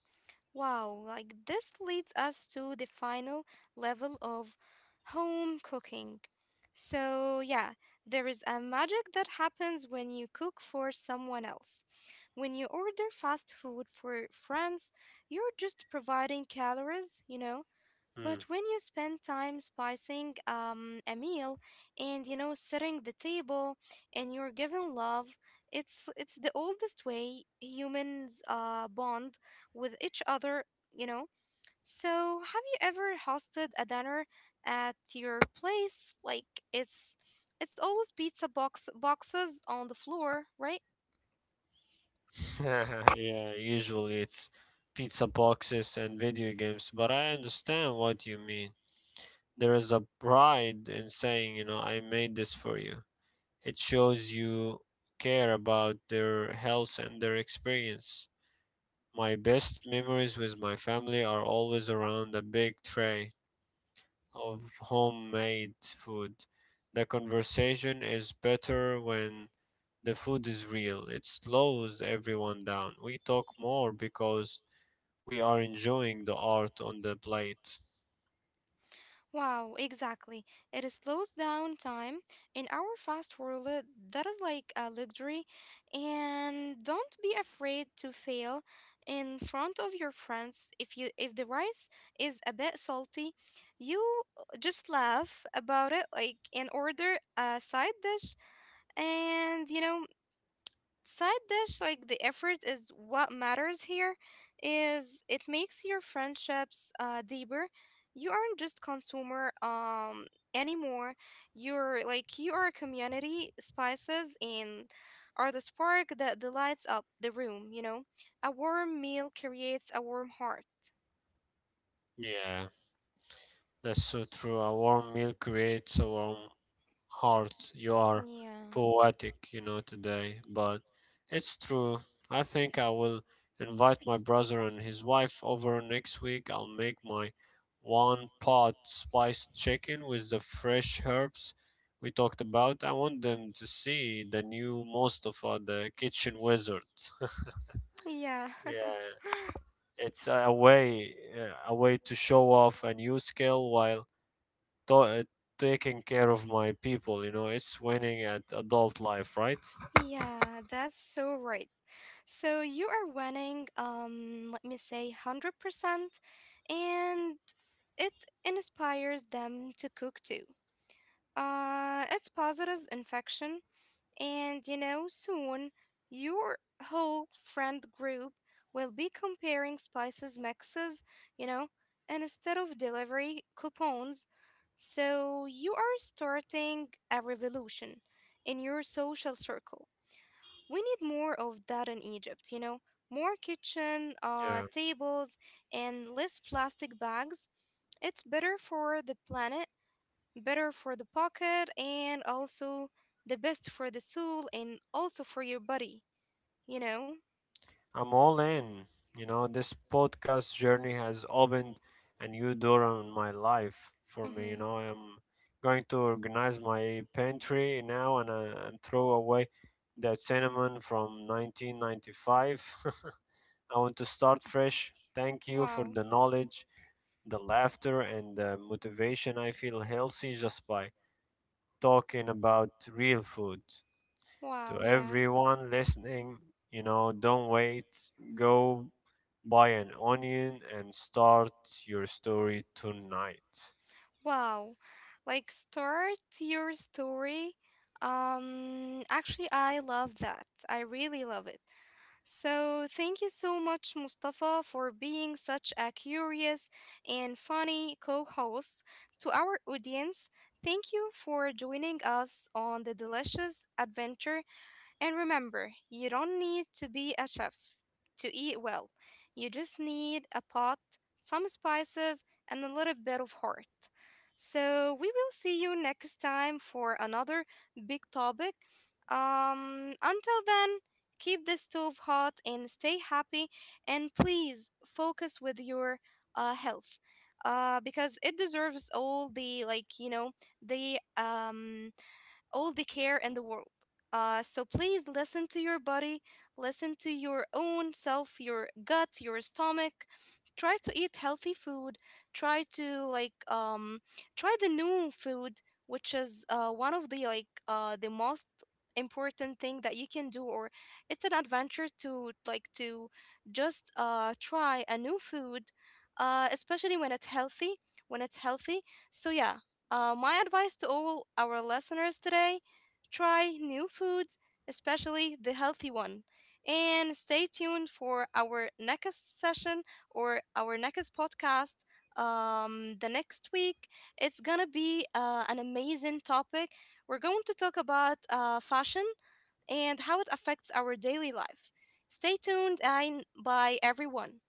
Speaker 1: Wow, like this leads us to the final level of home cooking. So, yeah, there is a magic that happens when you cook for someone else. When you order fast food for friends, you're just providing calories, you know,
Speaker 2: Hmm.
Speaker 1: but when you spend time spicing a meal and you know setting the table and you're giving love, it's the oldest way humans bond with each other, you know. So have you ever hosted a dinner at your place? Like it's always pizza boxes on the floor, right?
Speaker 2: Yeah, usually it's pizza boxes and video games, but I understand what you mean. There is a pride in saying, you know, I made this for you. It shows you care about their health and their experience. My best memories with my family are always around a big tray of homemade food. The conversation is better when the food is real. It slows everyone down. We talk more because we are enjoying the art on the plate.
Speaker 1: Wow, exactly. It slows down time. In our fast world, that is like a luxury. And don't be afraid to fail in front of your friends. If you if the rice is a bit salty, you just laugh about it like and order a side dish, and you know side dish like the effort is what matters here. Is it makes your friendships deeper. You aren't just consumer anymore. You are a community. Spices and are the spark that lights up the room, you know. A warm meal creates a warm heart.
Speaker 2: Yeah, that's so true. A warm meal creates a warm heart. You are
Speaker 1: Yeah,
Speaker 2: poetic, you know, today, but it's true. I think I will invite my brother and his wife over next week. I'll make my one pot spiced chicken with the fresh herbs we talked about. I want them to see the new Mustafa, the kitchen wizard.
Speaker 1: yeah,
Speaker 2: Yeah. It's a way a way to show off a new skill while to- uh, taking care of my people. You know, it's winning at adult life, right?
Speaker 1: yeah, that's so right. So you are winning, let me say 100%, and it inspires them to cook too. It's positive infection, and you know, soon your whole friend group will be comparing spices mixes, you know, and instead of delivery coupons. So you are starting a revolution in your social circle. We need more of that in Egypt, you know, more kitchen
Speaker 2: Yeah,
Speaker 1: tables and less plastic bags. It's better for the planet, better for the pocket, and also the best for the soul and also for your body, you know?
Speaker 2: I'm all in. You know, this podcast journey has opened a new door in my life for me. You
Speaker 1: Mm-hmm.
Speaker 2: know, I'm going to organize my pantry now and throw away that cinnamon from 1995. I want to start fresh. Thank you for
Speaker 1: Wow.
Speaker 2: the knowledge, the laughter, and the motivation. I feel healthy just by talking about real food. To
Speaker 1: Wow, yeah.
Speaker 2: everyone listening, you know, don't wait. Go buy an onion and start your story tonight.
Speaker 1: Wow. Like start your story. Actually I love that. I really love it. So thank you so much Mustafa for being such a curious and funny co-host to our audience. Thank you for joining us on the delicious adventure, and remember, you don't need to be a chef to eat well. You just need a pot, some spices, and a little bit of heart. So we will see you next time for another big topic. Until then, keep the stove hot and stay happy. And please focus with your health, because it deserves all the like you know the all the care in the world. So please listen to your body, listen to your own self, your gut, your stomach. Try to eat healthy food. Try to like try the new food, which is one of the like the most important thing that you can do. Or it's an adventure to like to just try a new food especially when it's healthy. So yeah, my advice to all our listeners today, try new foods, especially the healthy one. And stay tuned for our next session or our next podcast the next week. It's gonna be an amazing topic. We're going to talk about fashion and how it affects our daily life. Stay tuned, and bye, everyone.